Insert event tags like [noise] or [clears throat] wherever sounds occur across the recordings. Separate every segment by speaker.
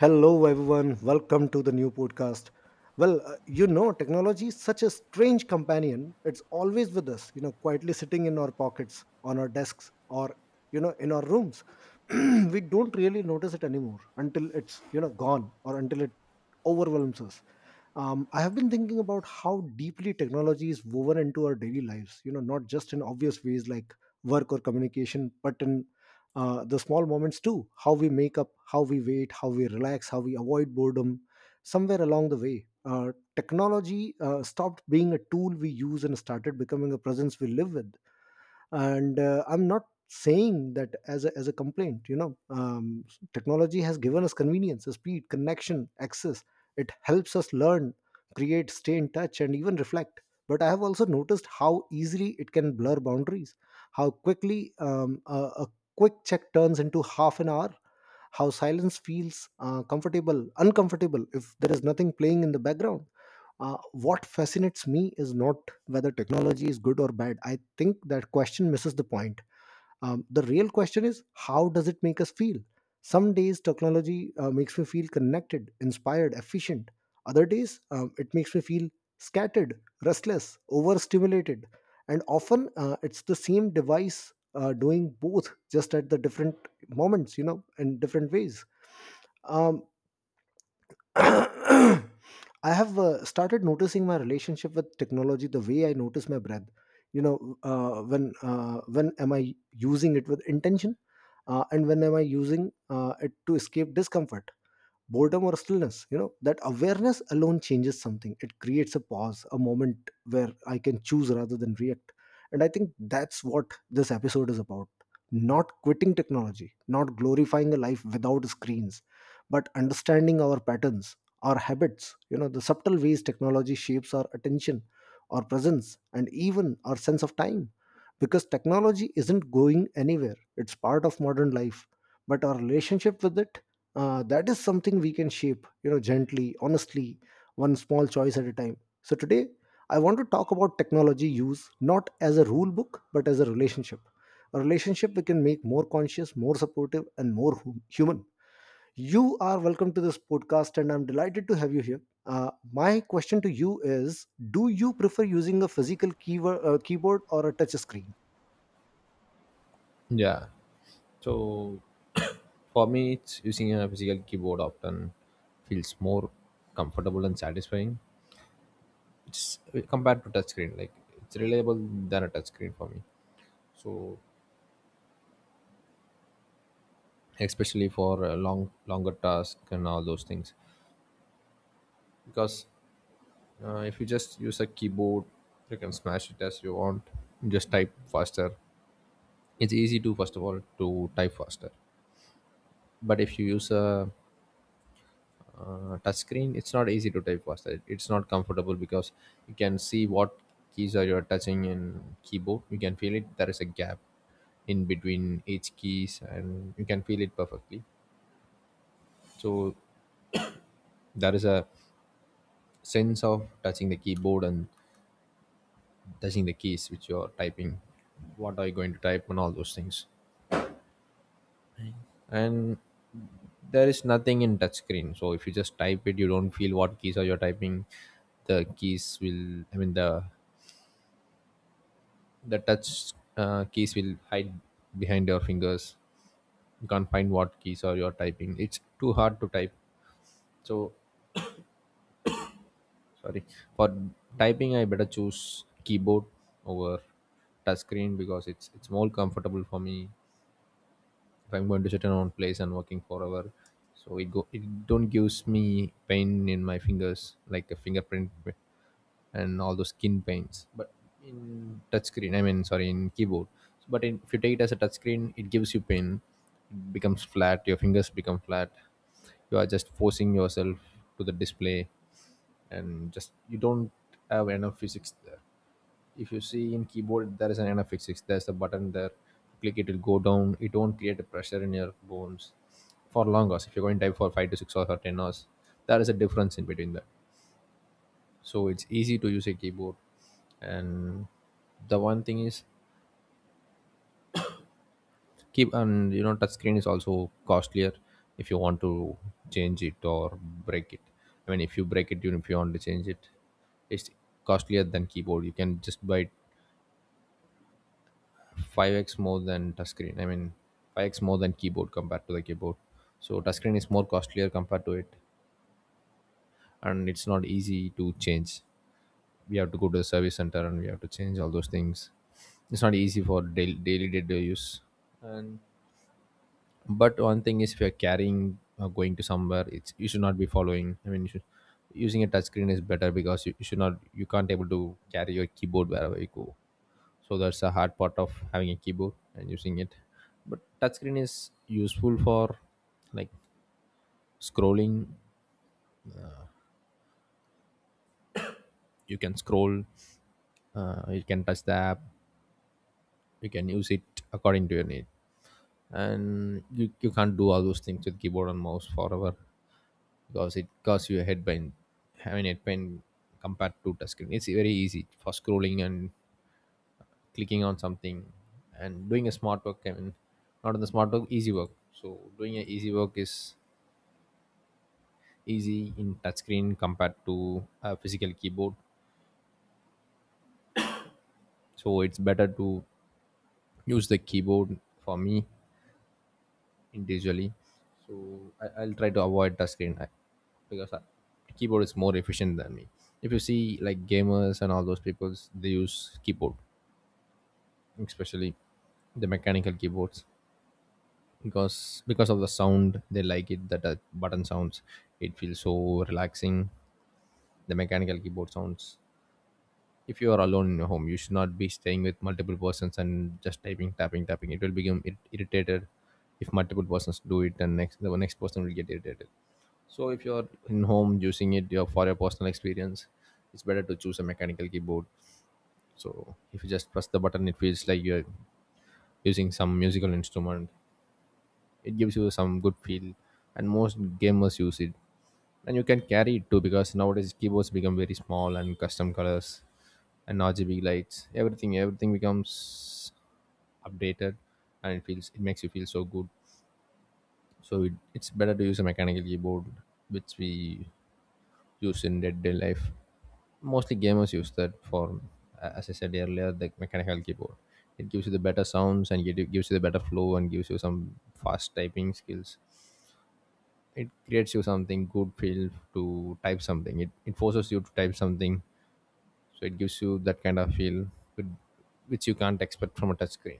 Speaker 1: Hello, everyone. Welcome to the new podcast. Well, technology is such a strange companion. It's always with us, quietly sitting in our pockets, on our desks, or, in our rooms. [clears throat] We don't really notice it anymore until it's gone or until it overwhelms us. I have been thinking about how deeply technology is woven into our daily lives, not just in obvious ways like work or communication, but in the small moments too. How we make up, how we wait, how we relax, how we avoid boredom. Somewhere along the way, technology stopped being a tool we use and started becoming a presence we live with. And I'm not saying that as a complaint. Technology has given us convenience, speed, connection, access. It helps us learn, create, stay in touch, and even reflect. But I have also noticed how easily it can blur boundaries, how quickly a quick check turns into half an hour, how silence feels comfortable uncomfortable if there is nothing playing in the background. What fascinates me is not whether technology is good or bad. I think that question misses the point. The real question is, how does it make us feel? Some days technology makes me feel connected, inspired, efficient. Other days it makes me feel scattered, restless, overstimulated. And often it's the same device doing both, just at the different moments, in different ways. Um, [coughs] I have started noticing my relationship with technology the way I notice my breath. You know, when am I using it with intention, and when am I using it to escape discomfort, boredom, or stillness? You know, that awareness alone changes something. It creates a pause, a moment where I can choose rather than react. And I think that's what this episode is about: not quitting technology, not glorifying a life without screens, but understanding our patterns, our habits, the subtle ways technology shapes our attention, our presence, and even our sense of time. Because technology isn't going anywhere. It's part of modern life. But our relationship with it, that is something we can shape, gently, honestly, one small choice at a time. So today I want to talk about technology use not as a rule book but as a relationship, a relationship we can make more conscious, more supportive, and more human. You are welcome to this podcast, and I'm delighted to have you here. My question to you is, do you prefer using a physical keyboard or a touch screen?
Speaker 2: Yeah. So [coughs] For me, it's using a physical keyboard often feels more comfortable and satisfying. It's compared to touchscreen, like, it's reliable than a touchscreen for me. So especially for a long, longer task and all those things, because if you just use a keyboard, you can smash it as you want. You just type faster. It's easy to first of all to type faster, but if you use a touch screen, it's not easy to type faster. It's not comfortable because you can see what keys are you touching. In keyboard, you can feel it. There is a gap in between each keys and you can feel it perfectly. So there is a sense of touching the keyboard and touching the keys which you are typing, what are you going to type and all those things. And there is nothing in touch screen, so if you just type it, you don't feel what keys are you typing. The keys will, I mean, the touch keys will hide behind your fingers. You can't find what keys are you're typing. It's too hard to type. So sorry, for typing I better choose keyboard over touchscreen because it's more comfortable for me. If I'm going to sit in one place and working forever, so it don't gives me pain in my fingers like a fingerprint and all those skin paints. But in touchscreen, I mean sorry, in keyboard, but in, if you take it as a touchscreen, it gives you pain. It becomes flat, your fingers become flat. You are just forcing yourself to the display, and just you don't have enough physics there. If you see in keyboard, there is an enough physics, there's a button there. Click it, it will go down, it won't create a pressure in your bones for long hours. If you're going to type for 5 to 6 hours or 10 hours, there is a difference in between that. So it's easy to use a keyboard. And the one thing is, keep, and you know touch screen is also costlier. If you want to change it or break it, I mean if you break it, you, if you want to change it, it's costlier than keyboard. You can just buy 5x more than touch screen, I mean 5x more than keyboard compared to the keyboard. So touch screen is more costlier compared to it, and it's not easy to change. We have to go to the service center and we have to change all those things. It's not easy for daily day to use. And but one thing is, if you're carrying or going to somewhere, it's you should not be following, I mean you should, using a touch screen is better because you should not, you can't able to carry your keyboard wherever you go. So that's a hard part of having a keyboard and using it. But touch screen is useful for, like, scrolling. You can scroll, you can touch the app, you can use it according to your need. And you can't do all those things with keyboard and mouse forever because it causes you a head pain, having head pain. Compared to touchscreen, it's very easy for scrolling and clicking on something and doing a smart work, I mean not on the smart work, easy work. So doing an easy work is easy in touchscreen compared to a physical keyboard. So it's better to use the keyboard for me individually. So I'll try to avoid touch screen. I, because I, keyboard is more efficient than me. If you see like gamers and all those people, they use keyboard, especially the mechanical keyboards, because of the sound they like it, that button sounds. It feels so relaxing, the mechanical keyboard sounds. If you are alone in your home, you should not be staying with multiple persons and just typing, tapping, tapping. It will become irritated. If multiple persons do it and next the next person will get irritated. So if you're in home using it, your for your personal experience, it's better to choose a mechanical keyboard. So if you just press the button, it feels like you're using some musical instrument. It gives you some good feel, and most gamers use it. And you can carry it too because nowadays keyboards become very small and custom colors and RGB lights. Everything becomes updated, and it feels, it makes you feel so good. So it's better to use a mechanical keyboard, which we used in day-to-day life. Mostly gamers use that for, a- as I said earlier, the mechanical keyboard. It gives you the better sounds and it gives you the better flow and gives you some fast typing skills. It creates you something good feel to type something. It forces you to type something, so it gives you that kind of feel with, which you can't expect from a touch screen.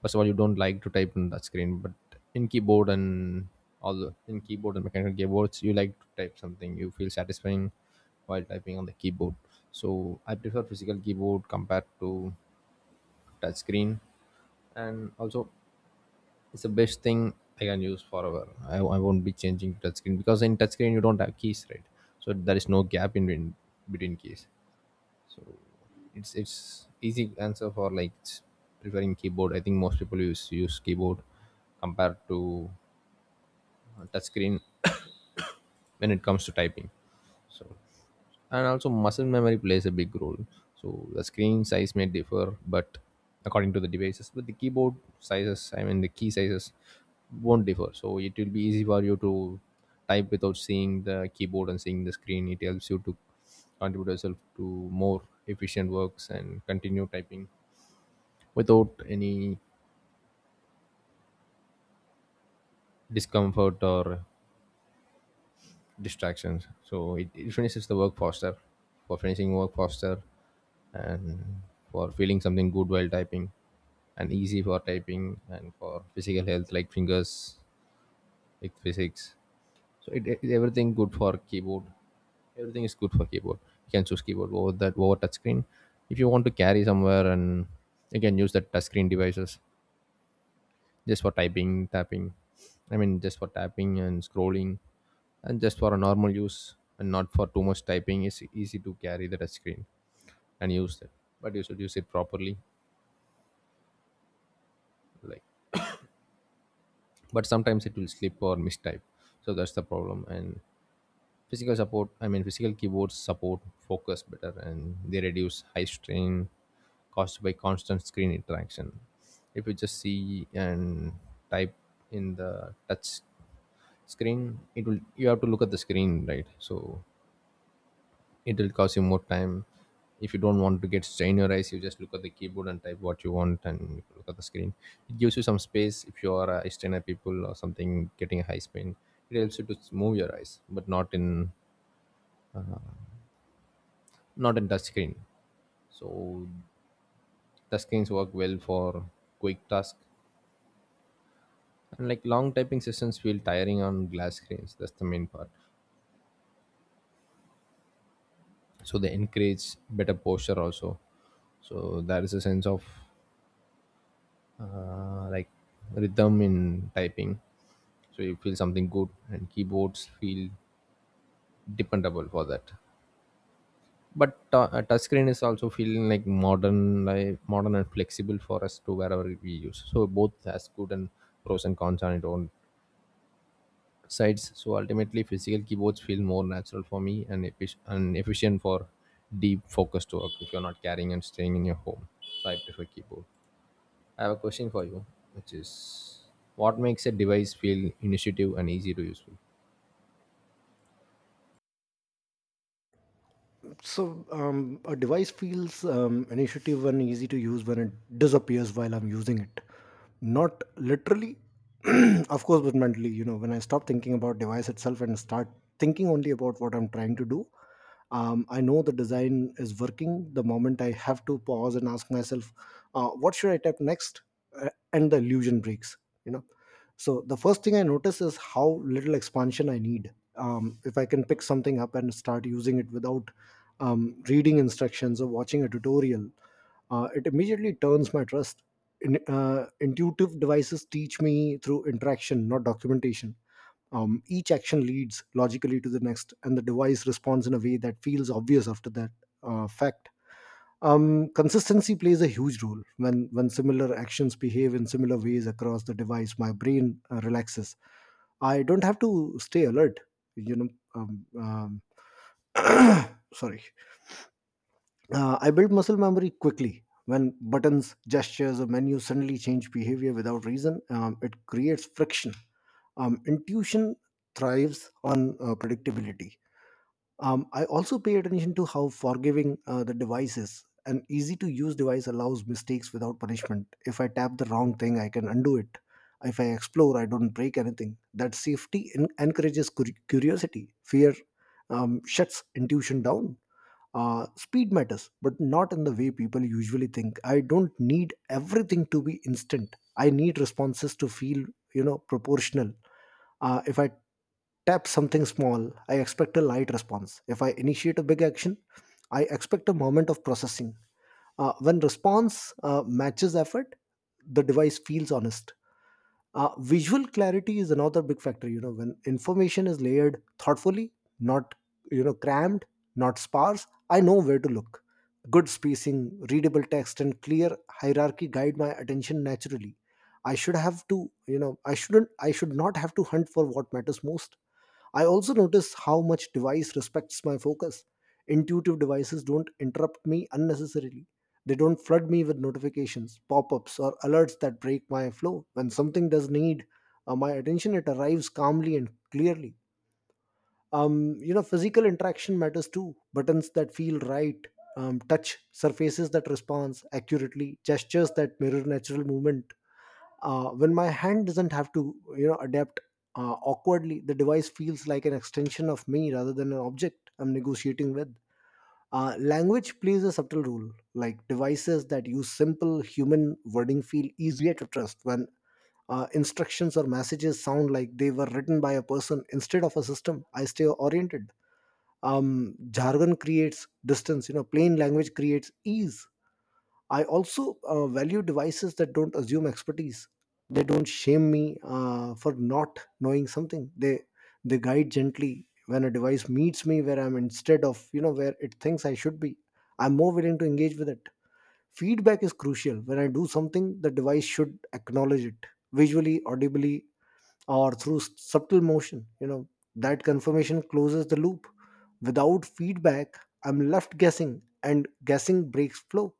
Speaker 2: First of all, you don't like to type on that screen. But in keyboard and all the in keyboard and mechanical keyboards, you like to type something, you feel satisfying while typing on the keyboard. So I prefer physical keyboard compared to touch screen. And also, it's the best thing I can use forever. I won't be changing to touch screen because in touch screen you don't have keys, right? So there is no gap in between, between keys. So it's easy answer for like, preferring keyboard. I think most people use keyboard compared to touch screen [coughs] when it comes to typing. So and also muscle memory plays a big role. So the screen size may differ but according to the devices, but the keyboard sizes, I mean the key sizes, won't differ. So it will be easy for you to type without seeing the keyboard and seeing the screen. It helps you to contribute yourself to more efficient works and continue typing without any discomfort or distractions. So it finishes the work faster, for finishing work faster and for feeling something good while typing, and easy for typing and for physical health, like fingers, like physics. So it everything good for keyboard. Everything is good for keyboard. You can choose keyboard over that over touch screen. If you want to carry somewhere and you can use the touch screen devices just for typing, tapping. I mean, just for tapping and scrolling, and just for a normal use and not for too much typing. It's easy to carry the touch screen and use it, but you should use it properly. Like, but sometimes it will slip or mistype, so that's the problem. And physical support, I mean, physical keyboards support focus better, and they reduce high strain caused by constant screen interaction. If you just see and type in the touch screen, it will, you have to look at the screen, right? So it will cost you more time. If you don't want to get strain your eyes, you just look at the keyboard and type what you want and look at the screen. It gives you some space. If you are a eye strainer people or something getting a high strain, it helps you to move your eyes but not in touch screen. So touch screens work well for quick task, and like long typing sessions feel tiring on glass screens, that's the main part. So they encourage better posture also. So there is a sense of, like, rhythm in typing. So you feel something good and keyboards feel dependable for that. But a touchscreen is also feeling like modern, and flexible for us to wherever we use. So both has good and pros and cons on its own sides. So ultimately, physical keyboards feel more natural for me and, and efficient for deep focused work if you're not carrying and staying in your home. So I prefer keyboard. I have a question for you, which is, what makes a device feel initiative and easy to use?
Speaker 1: So a device feels initiative and easy to use when it disappears while I'm using it. Not literally, [clears throat] of course, but mentally. You know, when I stop thinking about device itself and start thinking only about what I'm trying to do, I know the design is working. The moment I have to pause and ask myself, what should I type next, and the illusion breaks. You know. So the first thing I notice is how little expansion I need. If I can pick something up and start using it without reading instructions or watching a tutorial, it immediately turns my trust. Intuitive devices teach me through interaction, not documentation. Each action leads logically to the next, and the device responds in a way that feels obvious after that fact. Consistency plays a huge role. When similar actions behave in similar ways across the device, my brain relaxes. I don't have to stay alert. You know, um, um, [coughs] [clears throat] sorry. I build muscle memory quickly. When buttons, gestures, or menus suddenly change behavior without reason, it creates friction. Intuition thrives on predictability. I also pay attention to how forgiving the device is. An easy to use device allows mistakes without punishment. If I tap the wrong thing, I can undo it. If I explore, I don't break anything. That safety encourages curiosity. Fear shuts intuition down. Speed matters, but not in the way people usually think. I don't need everything to be instant. I need responses to feel, proportional. If I tap something small, I expect a light response. If I initiate a big action, I expect a moment of processing. When response matches effort, the device feels honest. Visual clarity is another big factor. When information is layered thoughtfully, not, crammed, not sparse, I know where to look. Good spacing, readable text, and clear hierarchy guide my attention naturally. I should not have to hunt for what matters most. I also notice how much device respects my focus. Intuitive devices don't interrupt me unnecessarily. They don't flood me with notifications, pop ups, or alerts that break my flow. When something does need my attention, it arrives calmly and clearly. Physical interaction matters too. Buttons that feel right, touch surfaces that respond accurately, gestures that mirror natural movement. When my hand doesn't have to, adapt awkwardly, the device feels like an extension of me rather than an object I'm negotiating with. Language plays a subtle role, like devices that use simple human wording feel easier to trust when instructions or messages sound like they were written by a person instead of a system. I stay oriented. Jargon creates distance, plain language creates ease. I also value devices that don't assume expertise. They don't shame me for not knowing something. They guide gently when a device meets me where I'm instead of, where it thinks I should be. I'm more willing to engage with it. Feedback is crucial. When I do something, the device should acknowledge it visually, audibly, or through subtle motion. You know that confirmation closes the loop. Without feedback, I'm left guessing, and guessing breaks flow.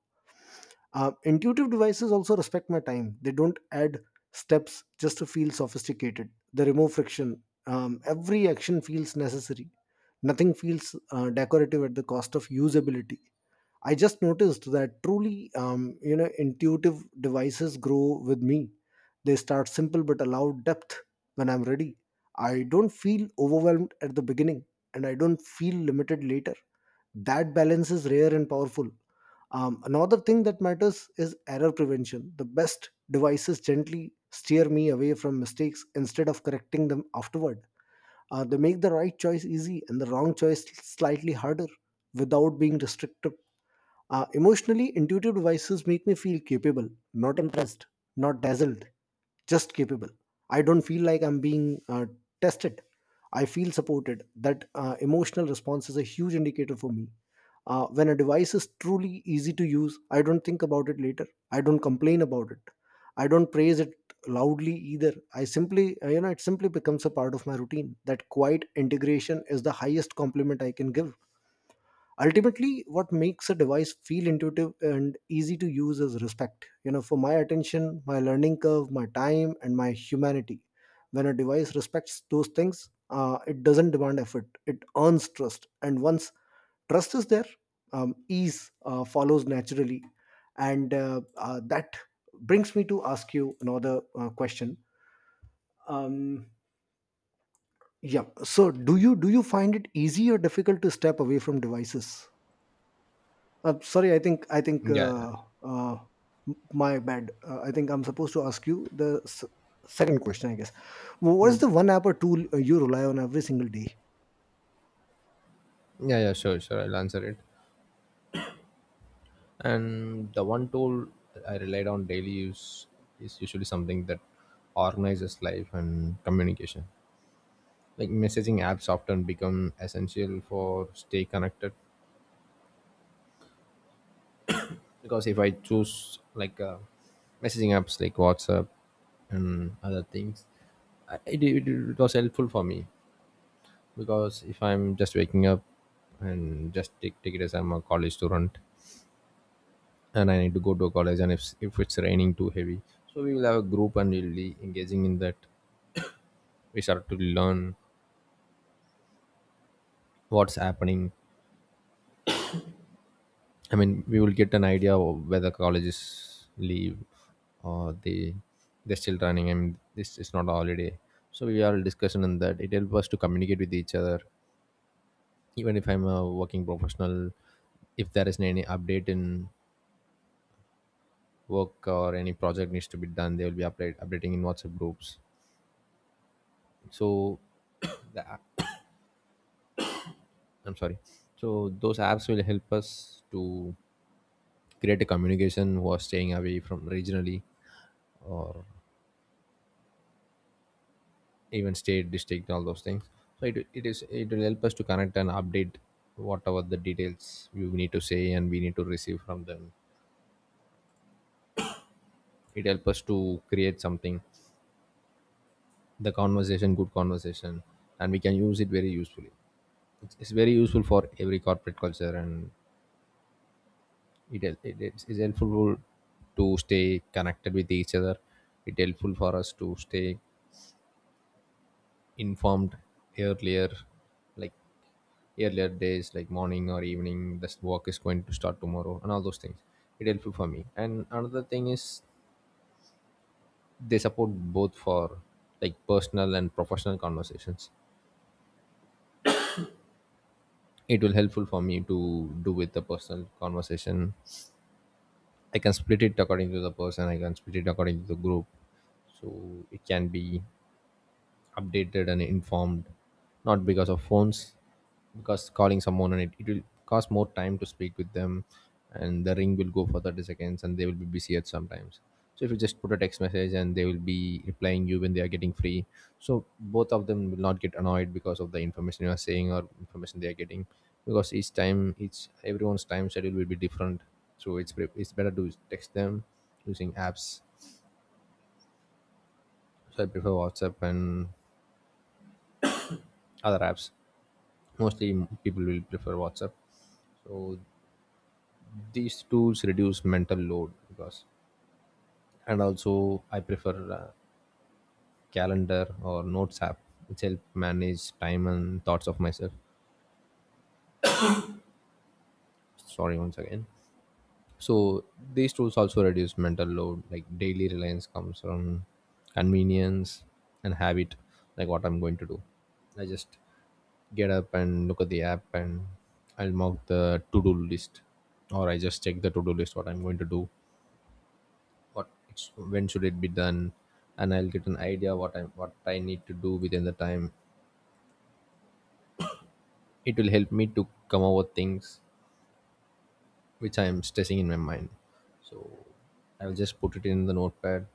Speaker 1: Intuitive devices also respect my time. They don't add steps just to feel sophisticated. They remove friction. Every action feels necessary. Nothing feels decorative at the cost of usability. I just noticed that truly, intuitive devices grow with me. They start simple but allow depth when I'm ready. I don't feel overwhelmed at the beginning, and I don't feel limited later. That balance is rare and powerful. Another thing that matters is error prevention. The best devices gently steer me away from mistakes instead of correcting them afterward. They make the right choice easy and the wrong choice slightly harder, without being restrictive. Emotionally, intuitive devices make me feel capable, not impressed, not dazzled, just capable. I don't feel like I'm being tested. I feel supported. That emotional response is a huge indicator for me. When a device is truly easy to use, I don't think about it later. I don't complain about it. I don't praise it loudly either. I simply you know it simply becomes a part of my routine. That quiet integration is the highest compliment I can give. Ultimately, what makes a device feel intuitive and easy to use is respect, for my attention, my learning curve, my time, and my humanity. When a device respects those things, it doesn't demand effort. It earns trust, and once trust is there, ease follows naturally. And that brings me to ask you another question. um yeah, so do you find it easy or difficult to step away from devices? Sorry, I think
Speaker 2: Yeah, yeah,
Speaker 1: uh my bad. I think I'm supposed to ask you the second question, I guess. What is the one app or tool you rely on every single day?
Speaker 2: yeah. Sure, sure. I'll answer it. And the one tool I relied on daily use is usually something that organizes life and communication. Like, messaging apps often become essential for stay connected. Because if I choose like messaging apps like WhatsApp and other things, I, it was helpful for me. Because if I'm just waking up and just take it as I'm a college student and I need to go to college, and if it's raining too heavy, so we will have a group and we'll be engaging in that. We start to learn what's happening. I mean, we will get an idea of whether colleges leave or they're still running. I mean, this is not a holiday, so we are discussing on that. It helps us to communicate with each other. Even if I'm a working professional, if there isn't any update in work or any project needs to be done, they will be updating in WhatsApp groups. So, [coughs] [clears throat] the app, I'm sorry. So those apps will help us to create a communication who are staying away from regionally or even state district, all those things. So it will help us to connect and update whatever the details we need to say and we need to receive from them. It helps us to create something, the conversation, good conversation, and we can use it very usefully. It's very useful for every corporate culture. And it's helpful to stay connected with each other. It helpful for us to stay informed earlier, like earlier days, like morning or evening, this work is going to start tomorrow and all those things. It helpful for me. And another thing is they support both for like personal and professional conversations. It will helpful for me to do with the personal conversation. I can split it according to the person, I can split it according to the group. So it can be updated and informed, not because of phones, because calling someone and it will cost more time to speak with them, and the ring will go for 30 seconds and they will be busy at sometimes. So if you just put a text message and they will be replying you when they are getting free. So both of them will not get annoyed because of the information you are saying or information they are getting, because each time, each everyone's time schedule will be different. So it's better to text them using apps. So I prefer WhatsApp and other apps. Mostly people will prefer WhatsApp. So these tools reduce mental load, because and also I prefer calendar or notes app, which help manage time and thoughts of myself. Sorry, once again. So these tools also reduce mental load, like daily reliance comes from convenience and habit. Like what I'm going to do, I just get up and look at the app and I'll mark the to do list, or I just check the to do list what I'm going to do, when should it be done. And I'll get an idea what I need to do within the time. It will help me to come over things which I am stressing in my mind. So I'll just put it in the notepad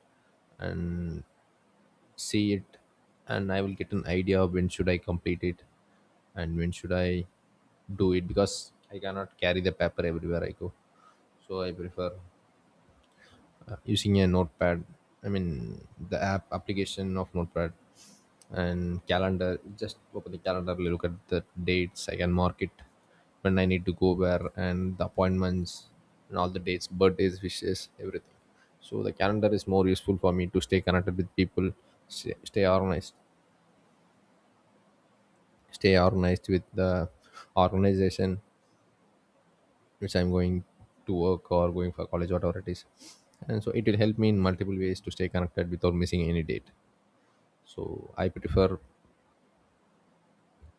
Speaker 2: and see it, and I will get an idea of when should I complete it and when should I do it, because I cannot carry the paper everywhere I go. So I prefer using a notepad, I mean the app application of notepad. And calendar, just open the calendar, look at the dates, I can mark it when I need to go where, and the appointments and all the dates, birthdays, wishes, everything. So the calendar is more useful for me to stay connected with people, stay organized, stay organized with the organization which I'm going to work or going for college, whatever it is. And so it will help me in multiple ways to stay connected without missing any date. So I prefer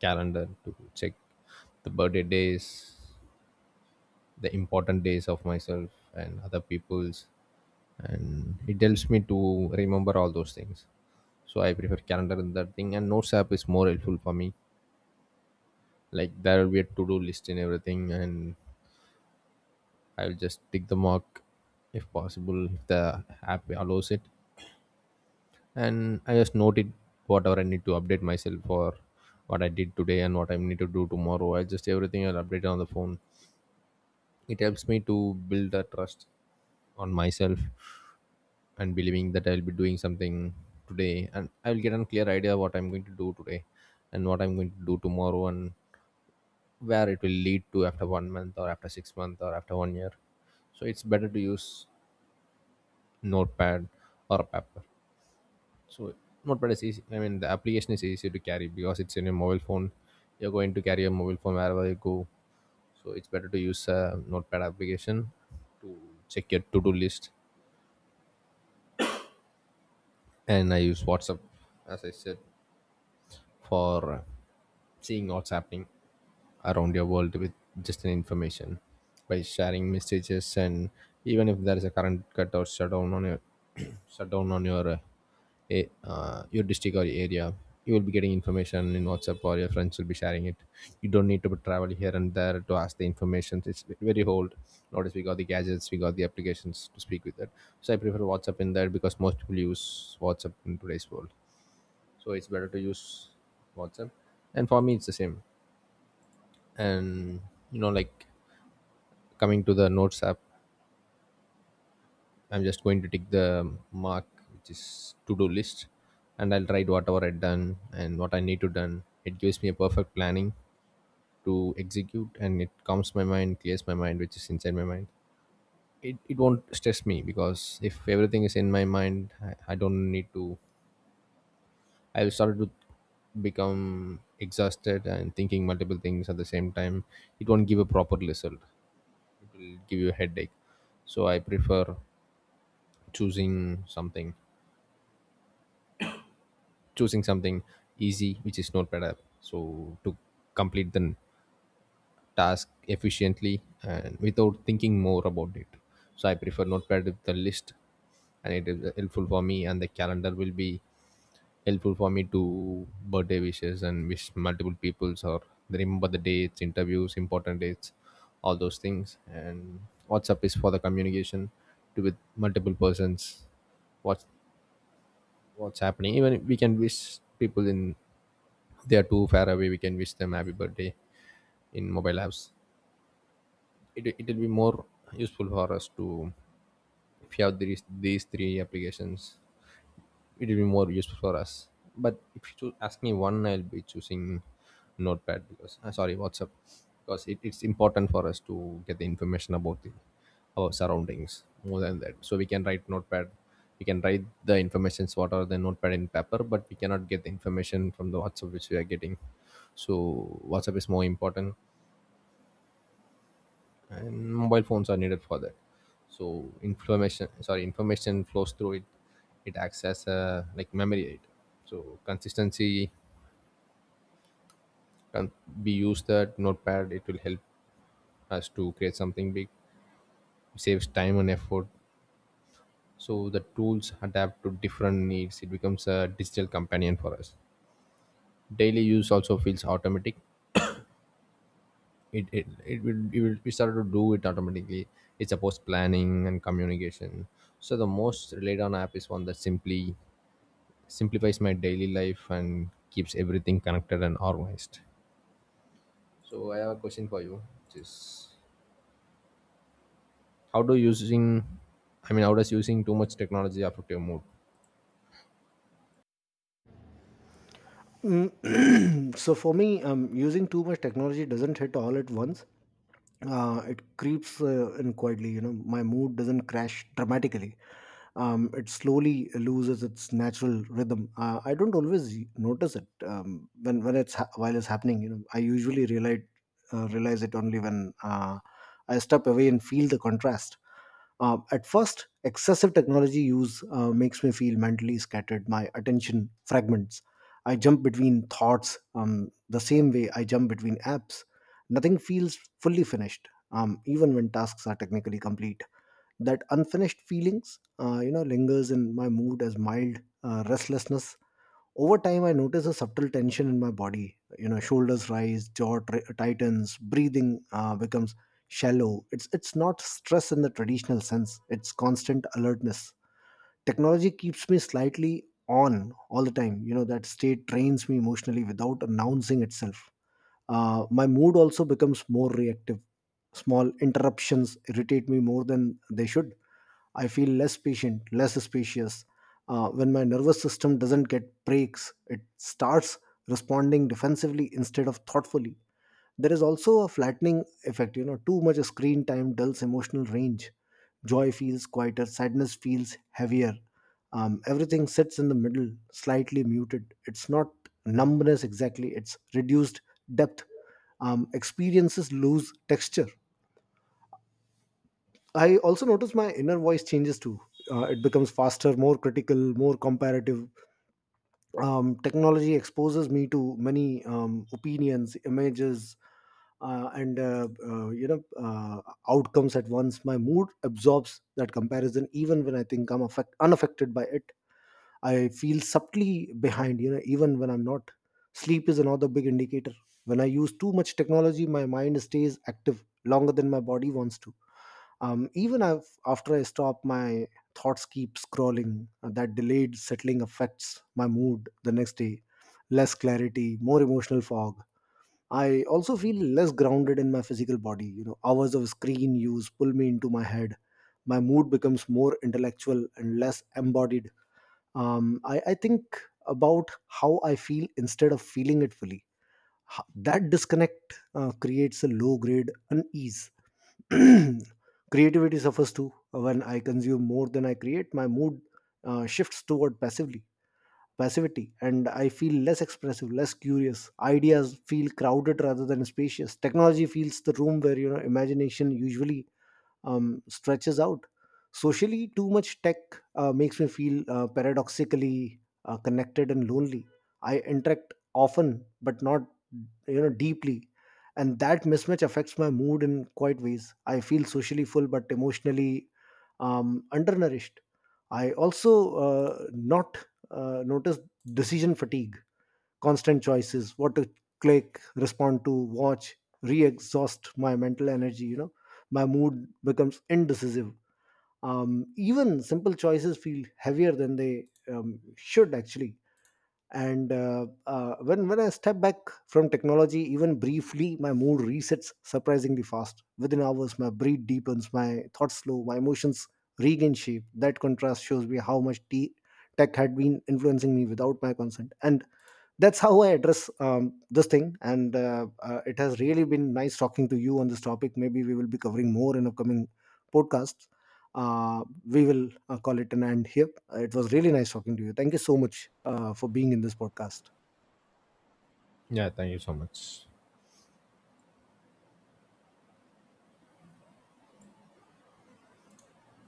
Speaker 2: calendar to check the birthday days, the important days of myself and other people's, and it helps me to remember all those things. So I prefer calendar, and that thing, and notes app is more helpful for me. Like there will be a to-do list and everything, and I'll just tick the mark, if possible, if the app allows it. And I just note it whatever I need to update myself for, what I did today and what I need to do tomorrow, I just everything I'll update on the phone. It helps me to build a trust on myself and believing that I'll be doing something today, and I'll get a clear idea what I'm going to do today and what I'm going to do tomorrow, and where it will lead to after one month or after six months or after one year. So it's better to use notepad or paper. So notepad is easy, I mean the application is easy to carry because it's in your mobile phone. You're going to carry a mobile phone wherever you go. So it's better to use a notepad application, check your to-do list. And I use WhatsApp, as I said, for seeing what's happening around your world with just an information, by sharing messages. And even if there is a current cut or shutdown on your [clears throat] shutdown on your your district or area, you will be getting information in WhatsApp, or your friends will be sharing it. You don't need to travel here and there to ask the information. It's very old notice, we got the gadgets, we got the applications to speak with it. So I prefer WhatsApp in there, because most people use WhatsApp in today's world. So it's better to use WhatsApp, and for me it's the same. And you know, like, coming to the notes app, I'm just going to take the mark which is to do list, and I'll write whatever I've done and what I need to done. It gives me a perfect planning to execute, and it calms my mind, clears my mind which is inside my mind. It won't stress me, because if everything is in my mind, I don't need to, I started to become exhausted and thinking multiple things at the same time. It won't give a proper result, it will give you a headache. So I prefer choosing something, choosing something easy, which is Notepad app. So to complete the task efficiently and without thinking more about it. So I prefer Notepad with the list, and it is helpful for me. And the calendar will be helpful for me to birthday wishes and wish multiple peoples, or remember the dates, interviews, important dates, all those things. And WhatsApp is for the communication to with multiple persons. What's what's happening? Even if we can wish people in, they are too far away, we can wish them happy birthday in mobile apps. It will be more useful for us to, if you have these three applications, it will be more useful for us. But if you choo- ask me one, I'll be choosing notepad, because sorry, WhatsApp, because it's important for us to get the information about the our surroundings more than that. So we can write notepad, we can write the informations what are the notepad in paper, but we cannot get the information from the WhatsApp which we are getting. So WhatsApp is more important, and mobile phones are needed for that. So information, sorry, information flows through it. It acts as a like memory aid. So consistency can be used that notepad, it will help us to create something big. It saves time and effort. So the tools adapt to different needs, it becomes a digital companion for us. Daily use also feels automatic. It will we started to do it automatically. It supports planning and communication. So the most relied on app is one that simply simplifies my daily life and keeps everything connected and organized. So I have a question for you, which is how do using I mean how does using too much technology affect your mood?
Speaker 1: [clears throat] So for me, using too much technology doesn't hit all at once. It creeps in quietly. You know, my mood doesn't crash dramatically. It slowly loses its natural rhythm. I don't always notice it while it's happening. You know, I usually realize it only when I step away and feel the contrast. At first, excessive technology use makes me feel mentally scattered. My attention fragments. I jump between thoughts the same way I jump between apps. Nothing feels fully finished, even when tasks are technically complete. That unfinished feelings, lingers in my mood as mild restlessness. Over time, I notice a subtle tension in my body. You know, shoulders rise, jaw tightens, breathing becomes shallow. It's not stress in the traditional sense. It's constant alertness. Technology keeps me slightly on all the time. You know, that state trains me emotionally without announcing itself. My mood also becomes more reactive. Small interruptions irritate me more than they should. I feel less patient, less spacious. When my nervous system doesn't get breaks, it starts responding defensively instead of thoughtfully. There is also a flattening effect. Too much screen time dulls emotional range. Joy feels quieter, sadness feels heavier. Everything sits in the middle, slightly muted. It's not numbness exactly, it's reduced depth. Experiences lose texture. I also notice my inner voice changes too. It becomes faster, more critical, more comparative. Technology exposes me to many opinions, images, and outcomes at once. My mood absorbs that comparison, even when I think I'm unaffected by it. I feel subtly behind, even when I'm not. Sleep is another big indicator. When I use too much technology, my mind stays active longer than my body wants to. Even I after I stop, my thoughts keep scrolling. That delayed settling affects my mood the next day. Less clarity, more emotional fog. I also feel less grounded in my physical body. Hours of screen use pull me into my head. My mood becomes more intellectual and less embodied. I think about how I feel instead of feeling it fully. That disconnect creates a low grade unease. [clears throat] Creativity suffers too. When I consume more than I create, my mood shifts toward passively passivity, and I feel less expressive, less curious. Ideas feel crowded rather than spacious. Technology fills the room where, imagination usually stretches out. Socially, too much tech makes me feel paradoxically connected and lonely. I interact often, but not, deeply, and that mismatch affects my mood in quite ways. I feel socially full, but emotionally undernourished. I also not notice decision fatigue. Constant choices, what to click, respond to, watch, re-exhaust my mental energy. My mood becomes indecisive. Even simple choices feel heavier than they should actually. And when I step back from technology, even briefly, my mood resets surprisingly fast. Within hours my breath deepens, my thoughts slow, my emotions regain shape. That contrast shows me how much tech had been influencing me without my consent. And that's how I address this thing. And it has really been nice talking to you on this topic. Maybe we will be covering more in upcoming podcasts. We will call it an end here. It was really nice talking to you. Thank you so much for being in this podcast.
Speaker 2: Yeah, thank you so much.